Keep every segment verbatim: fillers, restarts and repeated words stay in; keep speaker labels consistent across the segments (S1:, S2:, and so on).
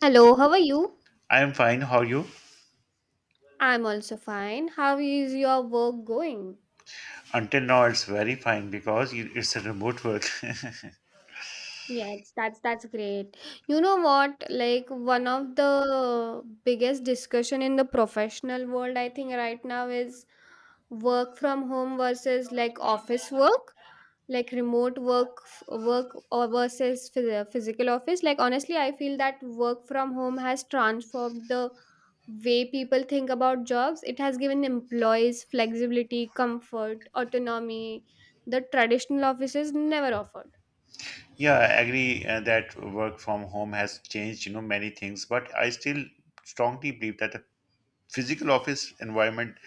S1: Hello, how are you?
S2: I am fine. How are you?
S1: I'm also fine. How is your work going?
S2: Until now, it's very fine because you- it's a remote work.
S1: Yes, that's that's great. You know what? Like one of the biggest discussion in the professional world, I think right now is work from home versus like office work, like remote work f- work or versus phys- physical office. Like honestly, I feel that work from home has transformed the way people think about jobs. It has given employees flexibility, comfort, autonomy the traditional offices never offered.
S2: yeah, I agree uh, that work from home has changed, you know, many things. But I still strongly believe that a physical office environment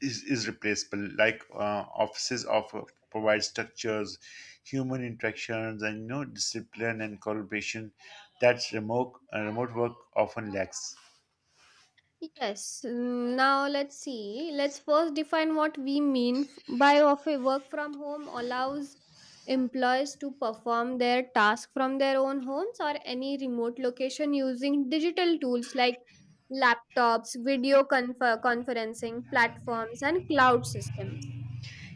S2: is, is replaceable. Like uh, offices offer provide structures, human interactions, and you know, discipline and collaboration that remote uh, remote work often lacks.
S1: Yes, mm, now let's see. Let's first define what we mean f- by of a work from home allows employees to perform their task from their own homes or any remote location using digital tools like laptops, video confer- conferencing platforms and cloud systems.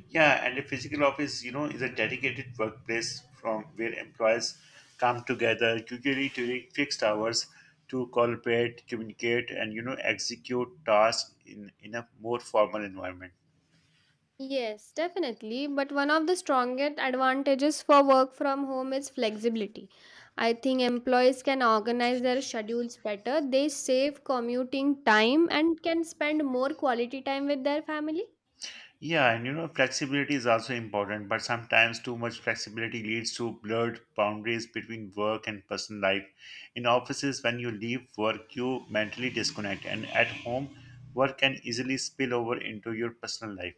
S2: Yeah, and a physical office, you know, is a dedicated workplace from where employees come together, usually during fixed hours, to collaborate, communicate, and you know, execute tasks in in a more formal environment.
S1: Yes, definitely. But one of the strongest advantages for work from home is flexibility. I think employees can organize their schedules better, they save commuting time, and can spend more quality time with their family.
S2: Yeah, and you know, flexibility is also important, but sometimes too much flexibility leads to blurred boundaries between work and personal life. In offices, when you leave work, you mentally disconnect, and at home, work can easily spill over into your personal life.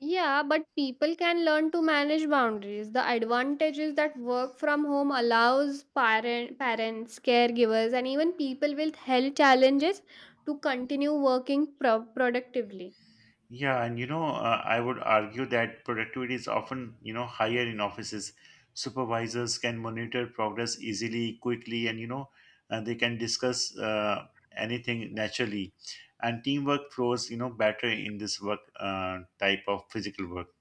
S1: Yeah, but people can learn to manage boundaries. The advantage is that work from home allows parent, parents, caregivers, and even people with health challenges to continue working pro- productively.
S2: Yeah, and you know, uh, I would argue that productivity is often, you know, higher in offices. Supervisors can monitor progress easily, quickly, and you know, uh, they can discuss uh, anything naturally. And teamwork flows, you know, better in this work uh, type of physical work.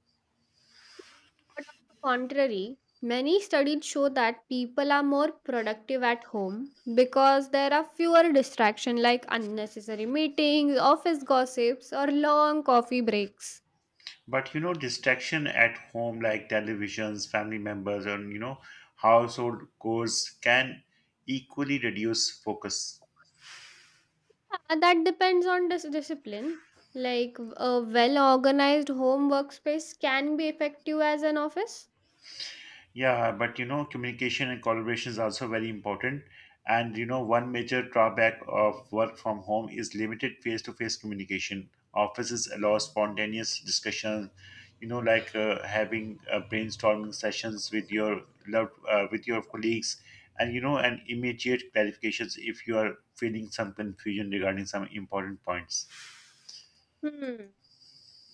S1: But on the contrary, many studies show that people are more productive at home because there are fewer distractions like unnecessary meetings, office gossips, or long coffee breaks.
S2: But you know, distraction at home, like televisions, family members, and you know, household chores, can equally reduce focus.
S1: Uh, That depends on dis- discipline. Like a well organized home workspace can be effective as an office.
S2: Yeah, but you know, communication and collaboration is also very important. And you know, one major drawback of work from home is limited face to face communication. Offices allow spontaneous discussion, you know, like uh, having uh, brainstorming sessions with your loved, uh, with your colleagues, and you know, and immediate clarifications if you are feeling some confusion regarding some important points.
S1: Hmm.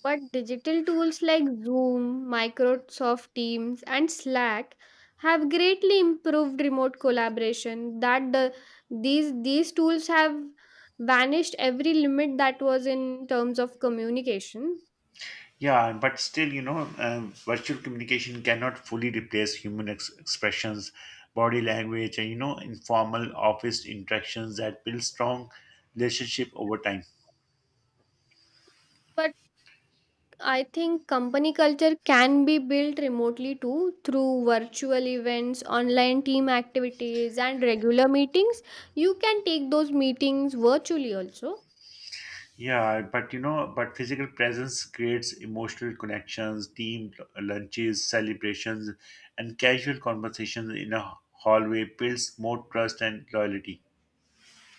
S1: But digital tools like Zoom, Microsoft Teams, and Slack have greatly improved remote collaboration. That the, these these tools have vanished every limit that was in terms of communication.
S2: Yeah, but still, you know, um, virtual communication cannot fully replace human ex- expressions, body language, and you know, informal office interactions that build strong relationship over time.
S1: But I think company culture can be built remotely too through virtual events, online team activities, and regular meetings. You can take those meetings virtually also.
S2: Yeah, but you know, but physical presence creates emotional connections, team lunches, celebrations, and casual conversations in a hallway builds more trust and loyalty.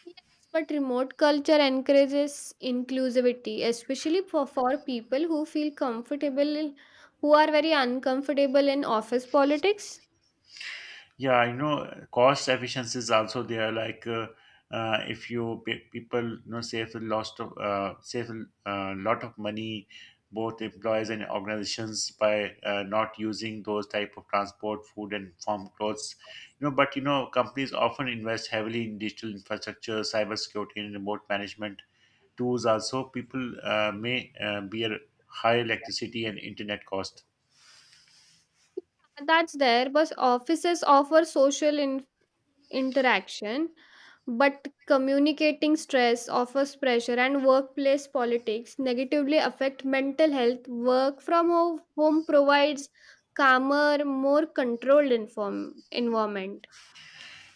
S1: Yes, but remote culture encourages inclusivity, especially for, for people who feel comfortable, in- who are very uncomfortable in office politics.
S2: Yeah, I know cost efficiency is also there. Like uh, uh, if you pe- people you know save a lot of uh, save a uh, lot of money, both employees and organizations by uh, not using those type of transport, food, and farm clothes. You know, but you know companies often invest heavily in digital infrastructure, cybersecurity, and remote management tools. Also, people uh, may uh, bear high electricity and internet cost.
S1: That's there, but offices offer social in, interaction, but communicating stress, office pressure, and workplace politics negatively affect mental health. Work from ho- home provides calmer, more controlled inform, environment.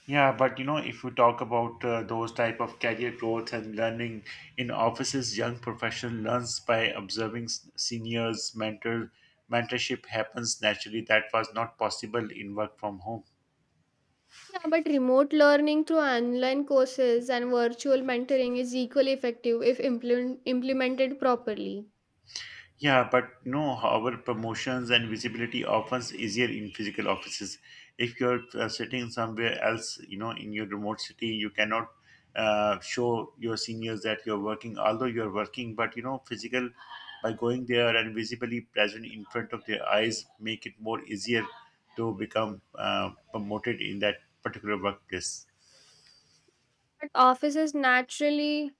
S2: Yeah, but you know, if you talk about uh, those type of career growth and learning in offices, young professional learns by observing s- seniors, mentor, mentorship happens naturally. That was not possible in work from home.
S1: Yeah, but remote learning through online courses and virtual mentoring is equally effective if implement, implemented properly.
S2: Yeah, but you know, our promotions and visibility often easier in physical offices. If you're uh, sitting somewhere else, you know, in your remote city, you cannot uh, show your seniors that you're working, although you're working. But you know, physical by going there and visibly present in front of their eyes make it more easier to become uh, promoted in that particular workplace.
S1: But offices naturally,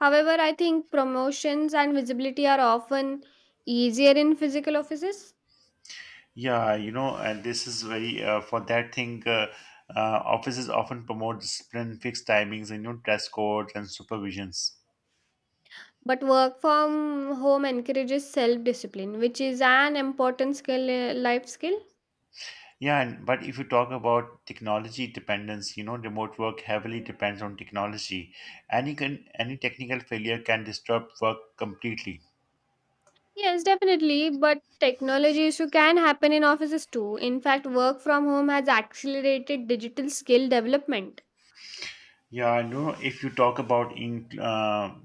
S1: however, I think promotions and visibility are often easier in physical offices.
S2: Yeah, you know, and this is very uh, for that thing. Uh, uh, offices often promote discipline, fixed timings, and you know, dress codes and supervisions.
S1: But work from home encourages self discipline, which is an important skill, uh, life skill.
S2: Yeah, and, but if you talk about technology dependence, you know, remote work heavily depends on technology. Any con- any technical failure can disrupt work completely.
S1: Yes, definitely. But technology issue can happen in offices too. In fact, work from home has accelerated digital skill development.
S2: Yeah, I know if you talk about in, uh,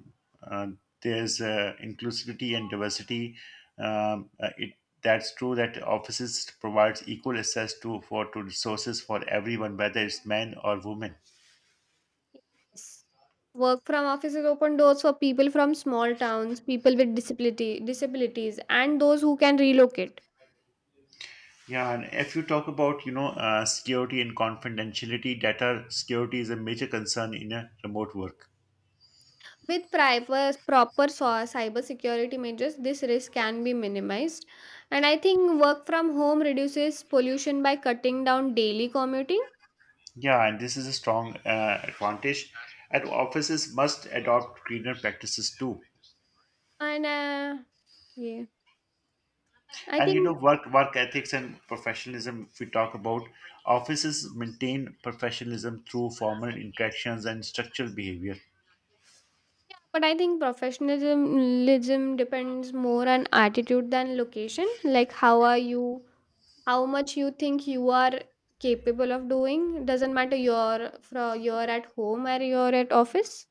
S2: uh, there's uh, Inclusivity and diversity, um, uh, it that's true that offices provides equal access to for to resources for everyone, whether it's men or women.
S1: Yes. Work from offices open doors for people from small towns, people with disability disabilities, and those who can relocate.
S2: Yeah, and if you talk about you know uh, security and confidentiality, data security is a major concern in a remote work.
S1: With proper proper so- cybersecurity measures, this risk can be minimized. And I think work from home reduces pollution by cutting down daily commuting.
S2: Yeah, and this is a strong uh, advantage, and offices must adopt greener practices too.
S1: And uh, yeah, I
S2: And you
S1: think.
S2: know work work ethics and professionalism, if we talk about, offices maintain professionalism through formal interactions and structured behavior.
S1: Yeah, but I think professionalism depends more on attitude than location. Like, how are you? How much you think you are capable of doing? Doesn't matter. You're from you're at home or you're at office.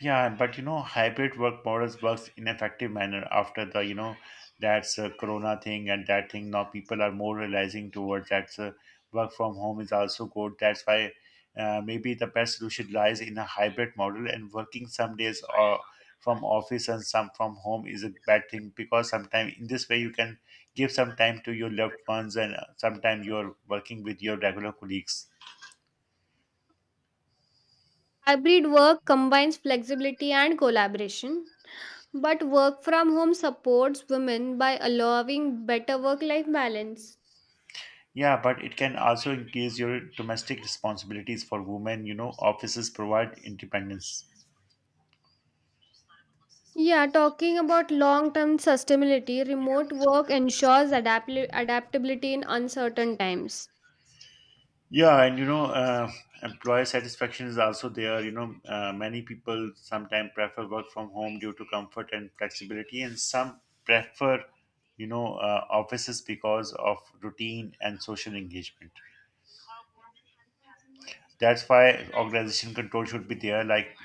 S2: Yeah, but you know, hybrid work models works in effective manner after the you know that's a corona thing and that thing. Now people are more realizing towards that uh, work from home is also good. That's why uh, maybe the best solution lies in a hybrid model and working some days or from office and some from home is a bad thing because sometimes in this way you can give some time to your loved ones and uh, sometimes you're working with your regular colleagues.
S1: Hybrid work combines flexibility and collaboration. But work from home supports women by allowing better work life balance.
S2: Yeah, but it can also increase your domestic responsibilities for women. You know, offices provide independence.
S1: Yeah, talking about long term sustainability, remote work ensures adaptli- adaptability in uncertain times.
S2: Yeah, and you know, uh, employer satisfaction is also there. You know, uh, many people sometimes prefer work from home due to comfort and flexibility, and some prefer, you know, uh, offices because of routine and social engagement. That's why organization control should be there. Like,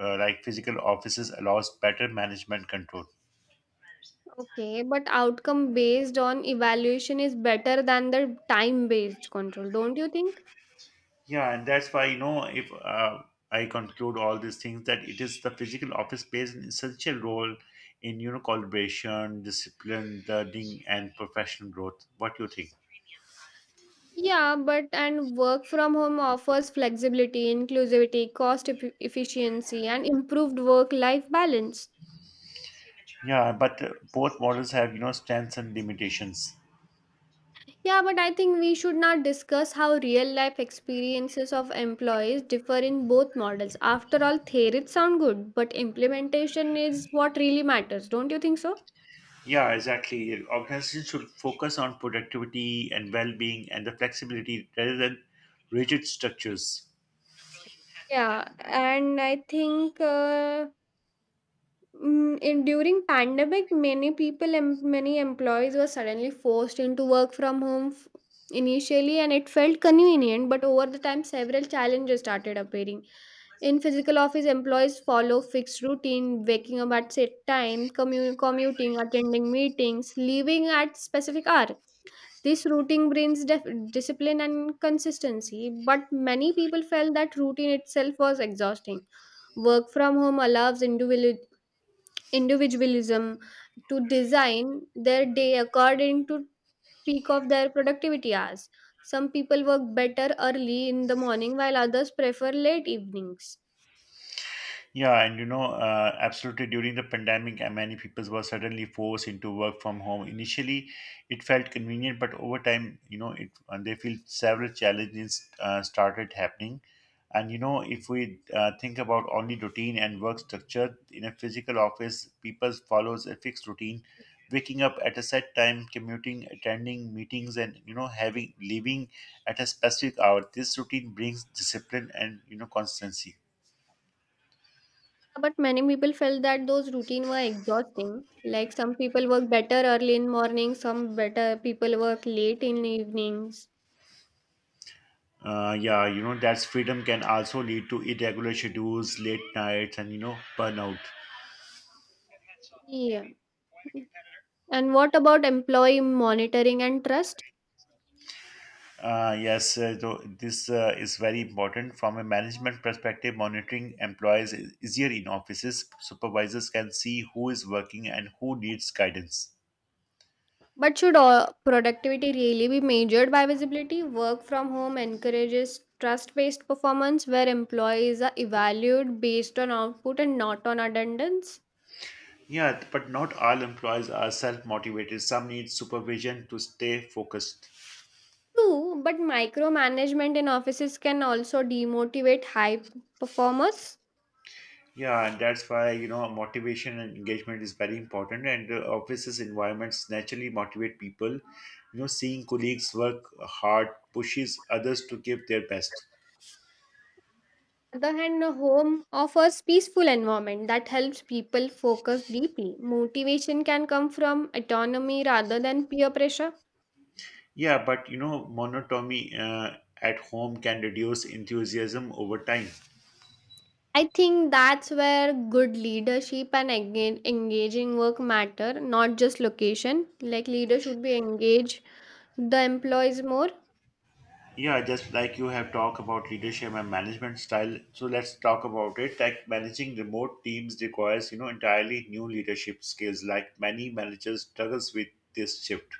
S2: uh, like physical offices allows better management control.
S1: Okay, but outcome based on evaluation is better than the time based control, don't you think?
S2: Yeah, and that's why, you know, if uh, I conclude all these things, that it is the physical office plays an essential role in, you know, collaboration, discipline, learning, and professional growth. What do you think?
S1: Yeah, but and work from home offers flexibility, inclusivity, cost eff- efficiency, and improved work life balance.
S2: Yeah, but uh, Both models have, you know, strengths and limitations.
S1: Yeah, but I think we should not discuss how real life experiences of employees differ in both models. After all, theories sound good, but implementation is what really matters, don't you think so?
S2: Yeah, exactly. Organizations should focus on productivity and well being and the flexibility rather than rigid structures.
S1: Yeah, and I think. Uh, Mm, in during pandemic many people and many employees were suddenly forced into work from home f- initially and it felt convenient but over the time several challenges started appearing in physical office employees follow fixed routine waking up at set time commu- commuting attending meetings leaving at specific hour this routine brings def- discipline and consistency but many people felt that routine itself was exhausting. Work from home allows individual individualism to design their day according to peak of their productivity hours. Some people work better early in the morning while others prefer late evenings.
S2: Yeah, and you know, uh, absolutely. During the pandemic, uh, many people were suddenly forced into work from home. Initially, it felt convenient, but over time, you know, it and they feel several challenges uh, started happening. And you know, if we uh, think about only routine and work structure in a physical office, people follows a fixed routine, waking up at a set time, commuting, attending meetings, and you know, having leaving at a specific hour. This routine brings discipline and you know consistency.
S1: But many people felt that those routine were exhausting. Like some people work better early in morning, some better people work late in evenings.
S2: Uh, yeah, you know, that's freedom can also lead to irregular schedules, late nights, and you know, burnout.
S1: Yeah. And what about employee monitoring and trust?
S2: Uh, yes, uh, so this uh, is very important from a management perspective. Monitoring employees is easier in offices. Supervisors can see who is working and who needs guidance.
S1: But should all productivity really be measured by visibility? Work from home encourages trust based performance where employees are evaluated based on output and not on attendance.
S2: Yeah, but not all employees are self motivated. Some need supervision to stay focused.
S1: True, but micromanagement in offices can also demotivate high performers.
S2: Yeah, and that's why, you know, motivation and engagement is very important. And uh, Offices environments naturally motivate people. You know, seeing colleagues work hard pushes others to give their best.
S1: On the other hand, a home offers peaceful environment that helps people focus deeply. Motivation can come from autonomy rather than peer pressure.
S2: Yeah, but you know, monotony uh, at home can reduce enthusiasm over time.
S1: I think that's where good leadership and enga- engaging work matter, not just location. Like leader should be engage the employees more.
S2: Yeah, just like you have talked about leadership and management style, so let's talk about it. Like managing remote teams requires, you know, entirely new leadership skills. Like many managers struggles with this shift.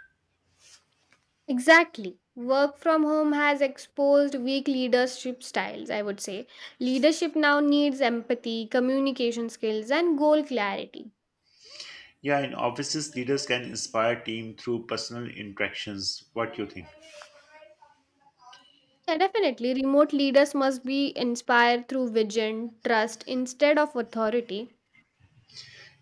S1: Exactly. Work from home has exposed weak leadership styles, I would say. Leadership now needs empathy, communication skills, and goal clarity.
S2: Yeah, in offices, leaders can inspire team through personal interactions. What you think?
S1: Yeah, definitely. Remote leaders must be inspired through vision, trust instead of authority.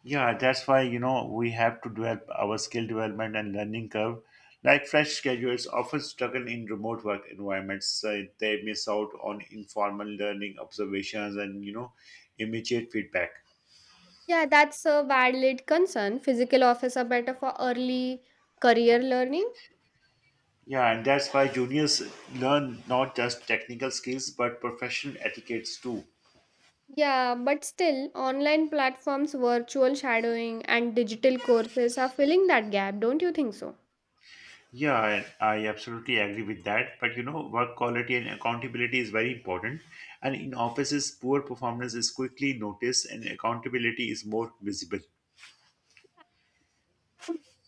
S2: Yeah, that's why you know we have to develop our skill development and learning curve. Like fresh graduates often struggle in remote work environments. Uh, they miss out on informal learning, observations, and you know immediate feedback.
S1: Yeah, that's a valid concern. Physical offers are better for early career learning.
S2: Yeah, and that's why juniors learn not just technical skills but professional etiquettes too.
S1: Yeah, but still, online platforms, virtual shadowing, and digital courses are filling that gap, don't you think so?
S2: Yeah, I, I absolutely agree with that. But you know, work quality and accountability is very important. And in offices, poor performance is quickly noticed and accountability is more visible.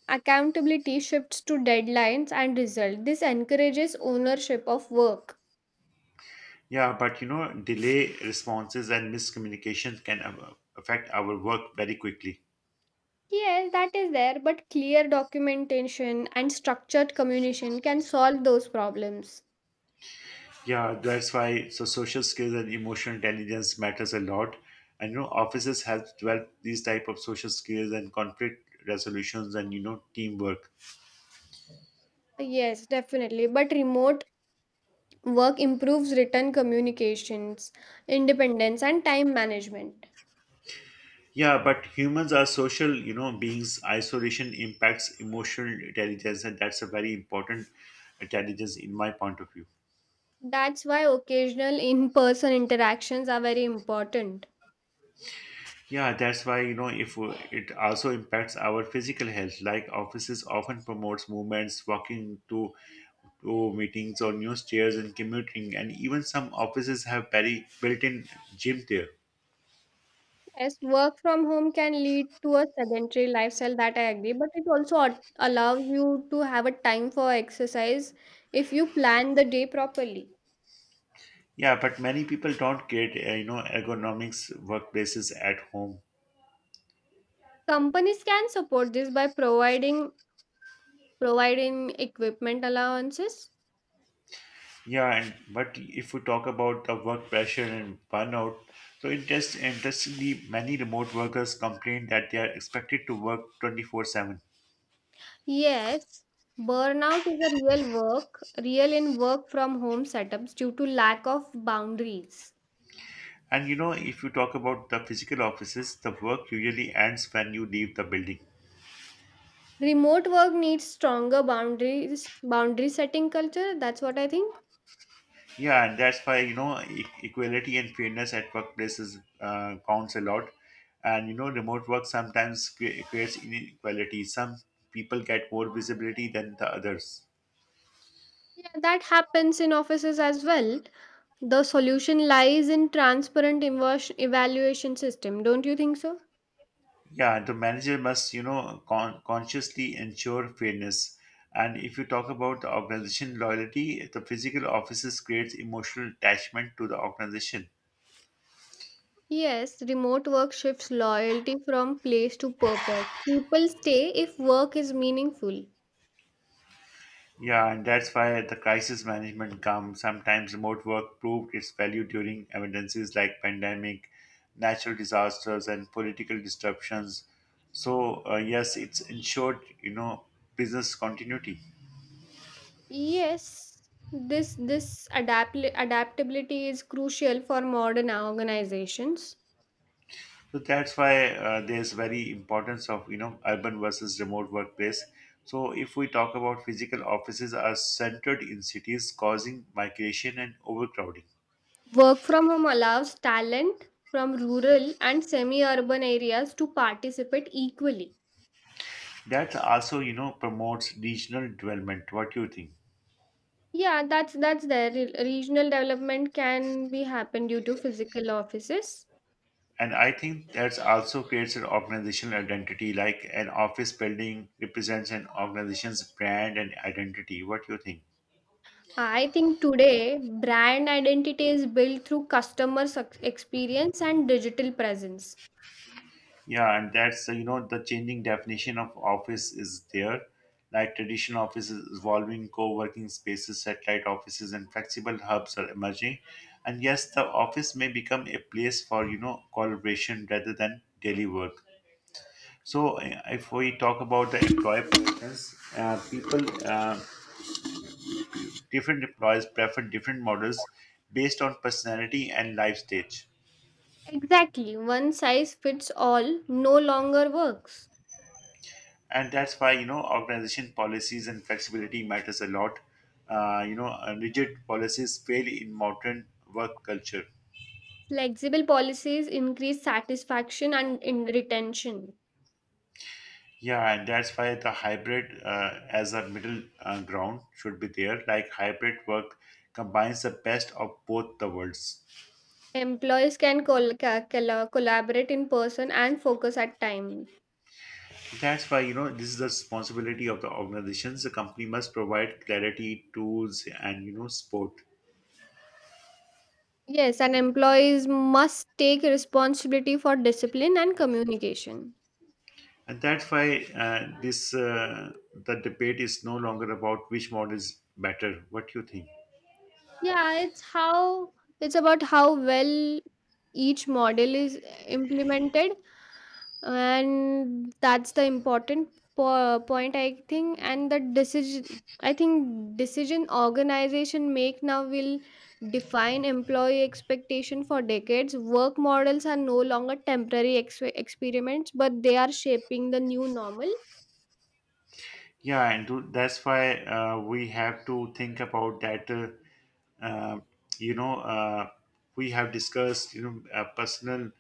S1: Accountability shifts to deadlines and result. This encourages ownership of work.
S2: Yeah, but you know, delay responses and miscommunications can uh, affect our work very quickly.
S1: Yes, that is there, but clear documentation and structured communication can solve those problems.
S2: Yeah, that's why so social skills and emotional intelligence matters a lot. And you know, offices help develop these type of social skills and conflict resolutions and you know teamwork.
S1: Yes, definitely. But remote Work improves written communications, independence, and time management.
S2: Yeah, but humans are social, you know, beings. Isolation impacts emotional intelligence, and that's a very important intelligence in my point of view.
S1: That's why occasional in person interactions are very important.
S2: Yeah, that's why you know if uh, It also impacts our physical health. Like offices often promotes movements, walking to to meetings or new stairs and commuting, and even some offices have very built-in gym there.
S1: Yes, work from home can lead to a sedentary lifestyle, that I agree, but it also al- allows you to have a time for exercise if you plan the day properly.
S2: Yeah, but many people don't get uh, you know ergonomics workplaces at home.
S1: Companies can support this by providing providing equipment allowances.
S2: Yeah, and but if we talk about the work pressure and burnout, so interest interestingly, many remote workers complain that they are expected to work twenty four seven.
S1: Yes, burnout is a real work, real in work from home setups due to lack of boundaries.
S2: And you know, if you talk about the physical offices, the work usually ends when you leave the building.
S1: Remote work needs stronger boundaries, boundary setting culture. That's what I think.
S2: Yeah, and that's why you know e- equality and fairness at workplaces uh, counts a lot. And you know, remote work sometimes cre- creates inequality. Some people get more visibility than the others.
S1: Yeah, that happens in offices as well. The solution lies in transparent evo- evaluation system. Don't you think so?
S2: Yeah, and the manager must, you know, con- consciously ensure fairness. And if you talk about the organization loyalty, the physical offices creates emotional attachment to the organization.
S1: Yes, remote work shifts loyalty from place to purpose. People stay if work is meaningful.
S2: Yeah, and that's why the crisis management comes. Sometimes remote work proved its value during emergencies like pandemic, natural disasters, and political disruptions. So uh, yes, it's ensured, you know, business continuity.
S1: Yes, this this adapt- adaptability is crucial for modern organizations.
S2: So that's why uh, there's very importance of you know urban versus remote workplace. So if we talk about physical offices are centered in cities, causing migration and overcrowding.
S1: Work from home allows talent from rural and semi-urban areas to participate equally.
S2: That also you know promotes regional development. What do you think?
S1: Yeah, that's that's there. Re- Regional development can be happen due to physical offices.
S2: And I think that also creates an organizational identity, like an office building represents an organization's brand and identity. What do you think?
S1: I think today brand identity is built through customer suc- experience and digital presence.
S2: Yeah, and that's uh, you know the changing definition of office is there. Like traditional offices evolving, co-working spaces, satellite offices, and flexible hubs are emerging. And yes, the office may become a place for you know collaboration rather than daily work. So uh, if we talk about the employee preference, uh, people uh, different employees prefer different models based on personality and life stage.
S1: Exactly, one size fits all no longer works.
S2: And that's why you know organization policies and flexibility matters a lot. Uh, you know uh, rigid policies fail in modern work culture.
S1: Flexible policies increase satisfaction and in retention.
S2: Yeah, and that's why the hybrid uh, as a middle uh, ground should be there. Like hybrid work combines the best of both the worlds.
S1: Employees can col- ca- colla- collaborate in person and focus at time.
S2: That's why you know this is the responsibility of the organizations. The company must provide clarity tools and you know support.
S1: Yes, and employees must take responsibility for discipline and communication.
S2: And that's why uh, this uh, the debate is no longer about which model is better. What do you think?
S1: Yeah, it's how it's about how well each model is eh, implemented, and that's the important po- point I think. And the decision I think decision organization make now will define employee expectation for decades. Work models are no longer temporary ex- experiments, but they are shaping the new normal.
S2: Yeah, and to, that's why uh, we have to think about that. Uh, uh, you know, uh, we have discussed you know uh, personal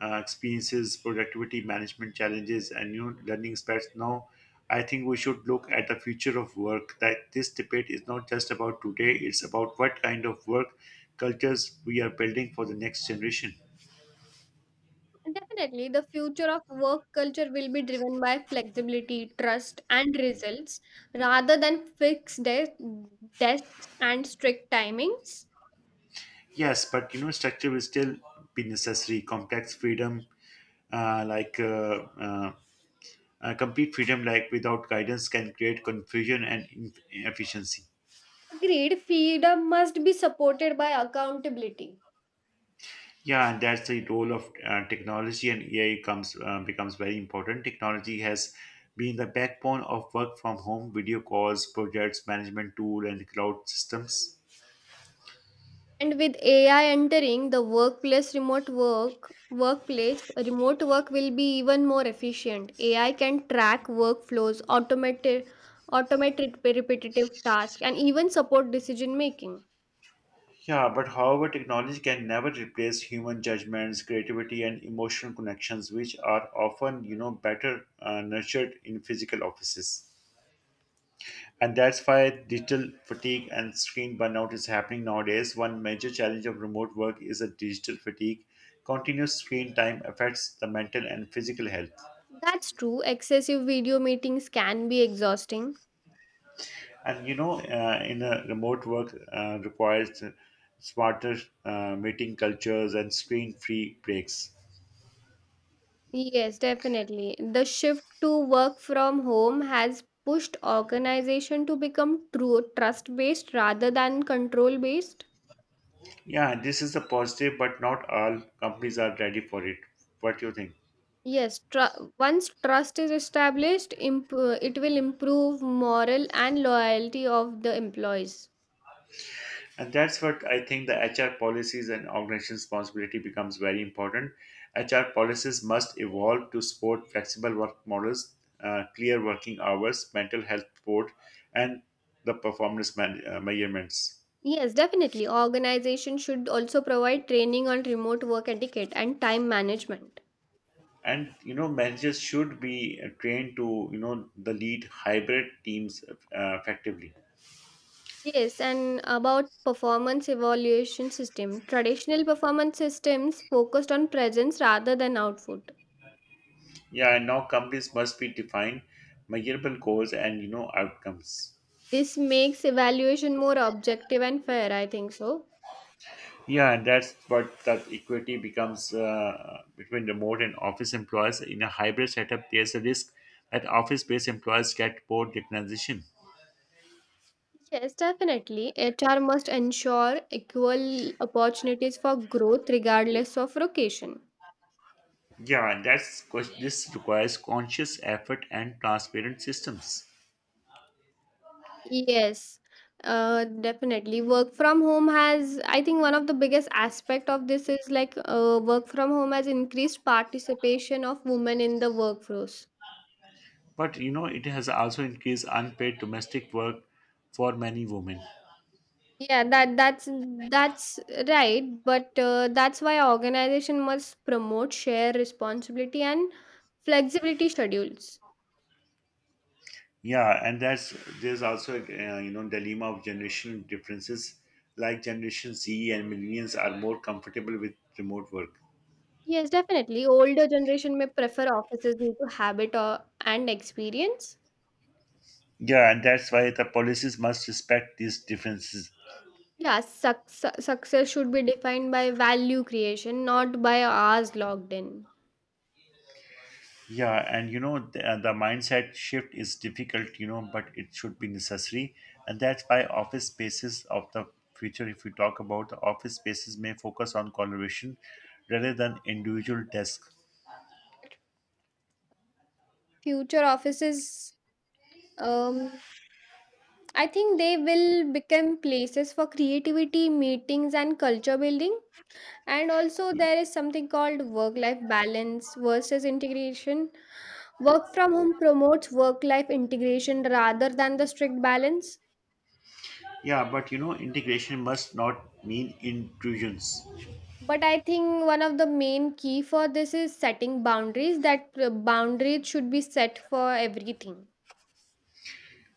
S2: uh, experiences, productivity management challenges, and new learning aspects. Now, I think we should look at the future of work. That this debate is not just about today; it's about what kind of work cultures we are building for the next generation.
S1: Definitely, the future of work culture will be driven by flexibility, trust, and results rather than fixed de- desks and strict timings.
S2: Yes, but you know, structure will still be necessary. Complex freedom, uh, like uh, uh, uh, complete freedom, like without guidance, can create confusion and in- inefficiency.
S1: Agreed, freedom must be supported by accountability.
S2: Yeah, and that's the role of uh, technology, and A I comes uh, becomes very important. Technology has been the backbone of work from home, video calls, projects management tool, and cloud systems.
S1: And with A I entering the workplace, remote work, workplace, remote work will be even more efficient. A I can track workflows, automate, automate repetitive tasks, and even support decision making.
S2: Yeah, but however, technology can never replace human judgments, creativity, and emotional connections, which are often, you know, better uh, nurtured in physical offices. And that's why digital fatigue and screen burnout is happening nowadays. One major challenge of remote work is a digital fatigue. Continuous screen time affects the mental and physical health.
S1: That's true. Excessive video meetings can be exhausting.
S2: And you know, uh, in a remote work uh, requires smarter uh, meeting cultures and screen-free breaks.
S1: Yes, definitely. The shift to work from home has pushed organization to become true trust-based rather than control-based.
S2: Yeah, this is a positive, but not all companies are ready for it. What do you think?
S1: Yes, tr- once trust is established, imp- it will improve moral and loyalty of the employees.
S2: And that's what I think the H R policies and organization responsibility becomes very important. H R policies must evolve to support flexible work models, uh, clear working hours, mental health support, and the performance man- uh, measurements.
S1: Yes, definitely. Organization should also provide training on remote work etiquette and time management.
S2: And you know, managers should be uh, trained to you know the lead hybrid teams uh, effectively.
S1: Yes, and about performance evaluation system. Traditional performance systems focused on presence rather than output.
S2: Yeah, and now companies must be defined measurable goals and you know outcomes.
S1: This makes evaluation more objective and fair, I think so.
S2: Yeah, and that's what that equity becomes uh, between remote and office employees. In a hybrid setup, there's a risk that office-based employees get bored the transition.
S1: Yes, definitely. H R must ensure equal opportunities for growth regardless of location.
S2: Yeah, and that's ques- this requires conscious effort and transparent systems.
S1: Yes, uh, definitely. Work from home has, I think, one of the biggest aspect of this is like uh, work from home has increased participation of women in the workforce.
S2: But you know, it has also increased unpaid domestic work for many women.
S1: Yeah, that that's that's right, but uh, that's why organization must promote share responsibility and flexibility schedules.
S2: Yeah, and that's there's also uh, you know dilemma of generational differences. Like Generation Z and millennials are more comfortable with remote work.
S1: Yes, definitely. Older generation may prefer offices due to habit or and experience.
S2: Yeah, and that's why the policies must respect these differences.
S1: Yeah, success success should be defined by value creation, not by hours logged in.
S2: Yeah, and you know the, uh, the mindset shift is difficult, you know, but it should be necessary, and that's why office spaces of the future. If we talk about the office spaces, may focus on collaboration rather than individual tasks.
S1: Future offices, um, I think they will become places for creativity, meetings, and culture building. And also, there is something called work life balance versus integration. Work from home promotes work life integration rather than the strict balance.
S2: Yeah, but you know, integration must not mean intrusions.
S1: But I think one of the main key for this is setting boundaries, that uh, boundaries should be set for everything.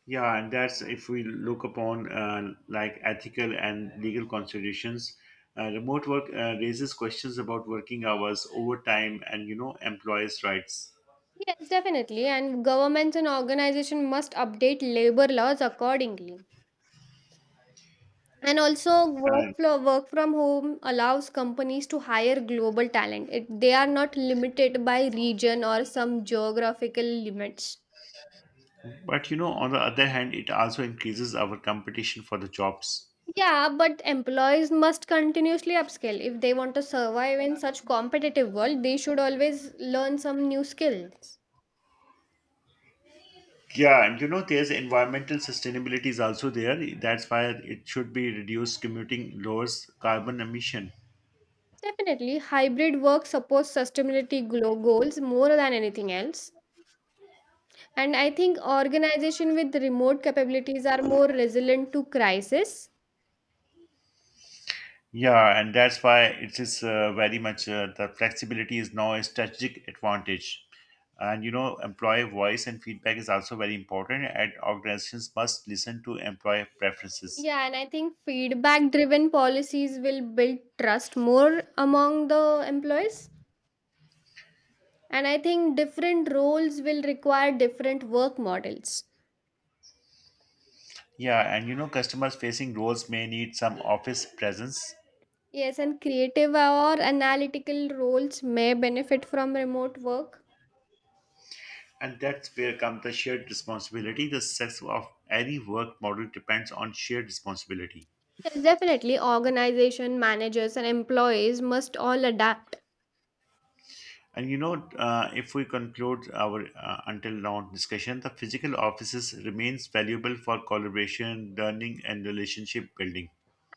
S2: Yeah, and that's if we look upon uh, like ethical and legal considerations. Uh, remote work uh, raises questions about working hours, overtime, and you know employees' rights.
S1: Yes, definitely. And governments and organizations must update labor laws accordingly. And also,
S2: And
S1: workflow work from home allows companies to hire global talent. It, they are not limited by region or some geographical limits.
S2: but you know, on the other hand, it also increases our competition for the jobs.
S1: Yeah, but employees must continuously upskill. If they want to survive in such competitive world, they should always learn some new skills.
S2: Yeah, and you know, there's environmental sustainability is also there. That's why it should be reduced commuting, lowers carbon emission.
S1: Definitely, hybrid work supports sustainability glo- goals more than anything else. And I think organization with remote capabilities are more resilient to crisis.
S2: Yeah, and that's why it is uh, very much uh, the flexibility is now a strategic advantage. And you know, employee voice and feedback is also very important, and organizations must listen to employee preferences.
S1: Yeah, and I think feedback driven policies will build trust more among the employees. And I think different roles will require different work models.
S2: Yeah, and you know, customers facing roles may need some office presence,
S1: Yes, and creative or analytical roles may benefit from remote work.
S2: and that's where comes the shared responsibility. The success of any work model depends on shared responsibility.
S1: Yes, definitely, organization managers and employees must all adapt.
S2: And you know, uh, if we conclude our uh, until now discussion, the physical offices remains valuable for collaboration, learning, and relationship building.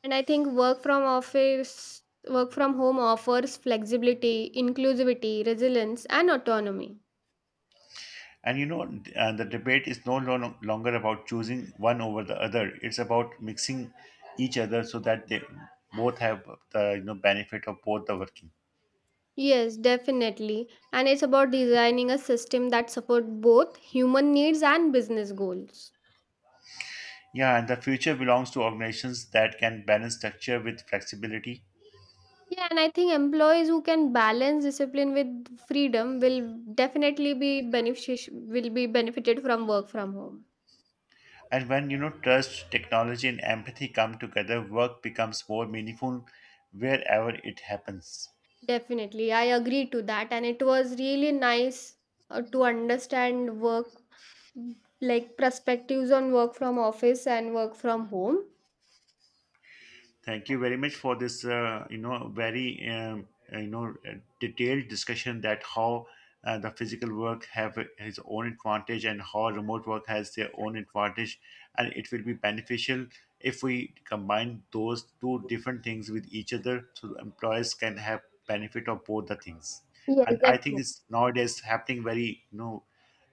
S1: And I think work from office, work from home offers flexibility, inclusivity, resilience, and autonomy.
S2: And you know, d- uh, the debate is no lo- longer about choosing one over the other. It's about mixing each other so that they both have the you know benefit of both the working.
S1: Yes, definitely. And it's about designing a system that supports both human needs and business goals.
S2: Yeah, and the future belongs to organizations that can balance structure with flexibility.
S1: Yeah, and I think employees who can balance discipline with freedom will definitely be benefic- will be benefited from work from home.
S2: And when you know trust, technology, and empathy come together, work becomes more meaningful wherever it happens.
S1: Definitely. I agree to that and it was really nice uh, to understand work like perspectives on work from office and work from home.
S2: Thank you very much for this, uh, you know, very, um, uh, you know, uh, detailed discussion that how uh, the physical work have its own advantage and how remote work has their own advantage, and it will be beneficial if we combine those two different things with each other, so the employers can have benefit of both the things.
S1: Yes,
S2: And I think
S1: definitely.
S2: it's nowadays happening very, you know,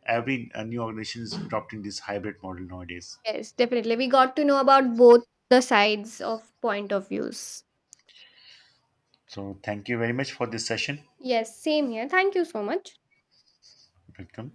S2: every uh, new organization is adopting this hybrid model nowadays.
S1: Yes, definitely. We got to know about both the sides of point of views.
S2: So thank you very much for this session.
S1: Yes, same here. Thank you so much.
S2: Welcome.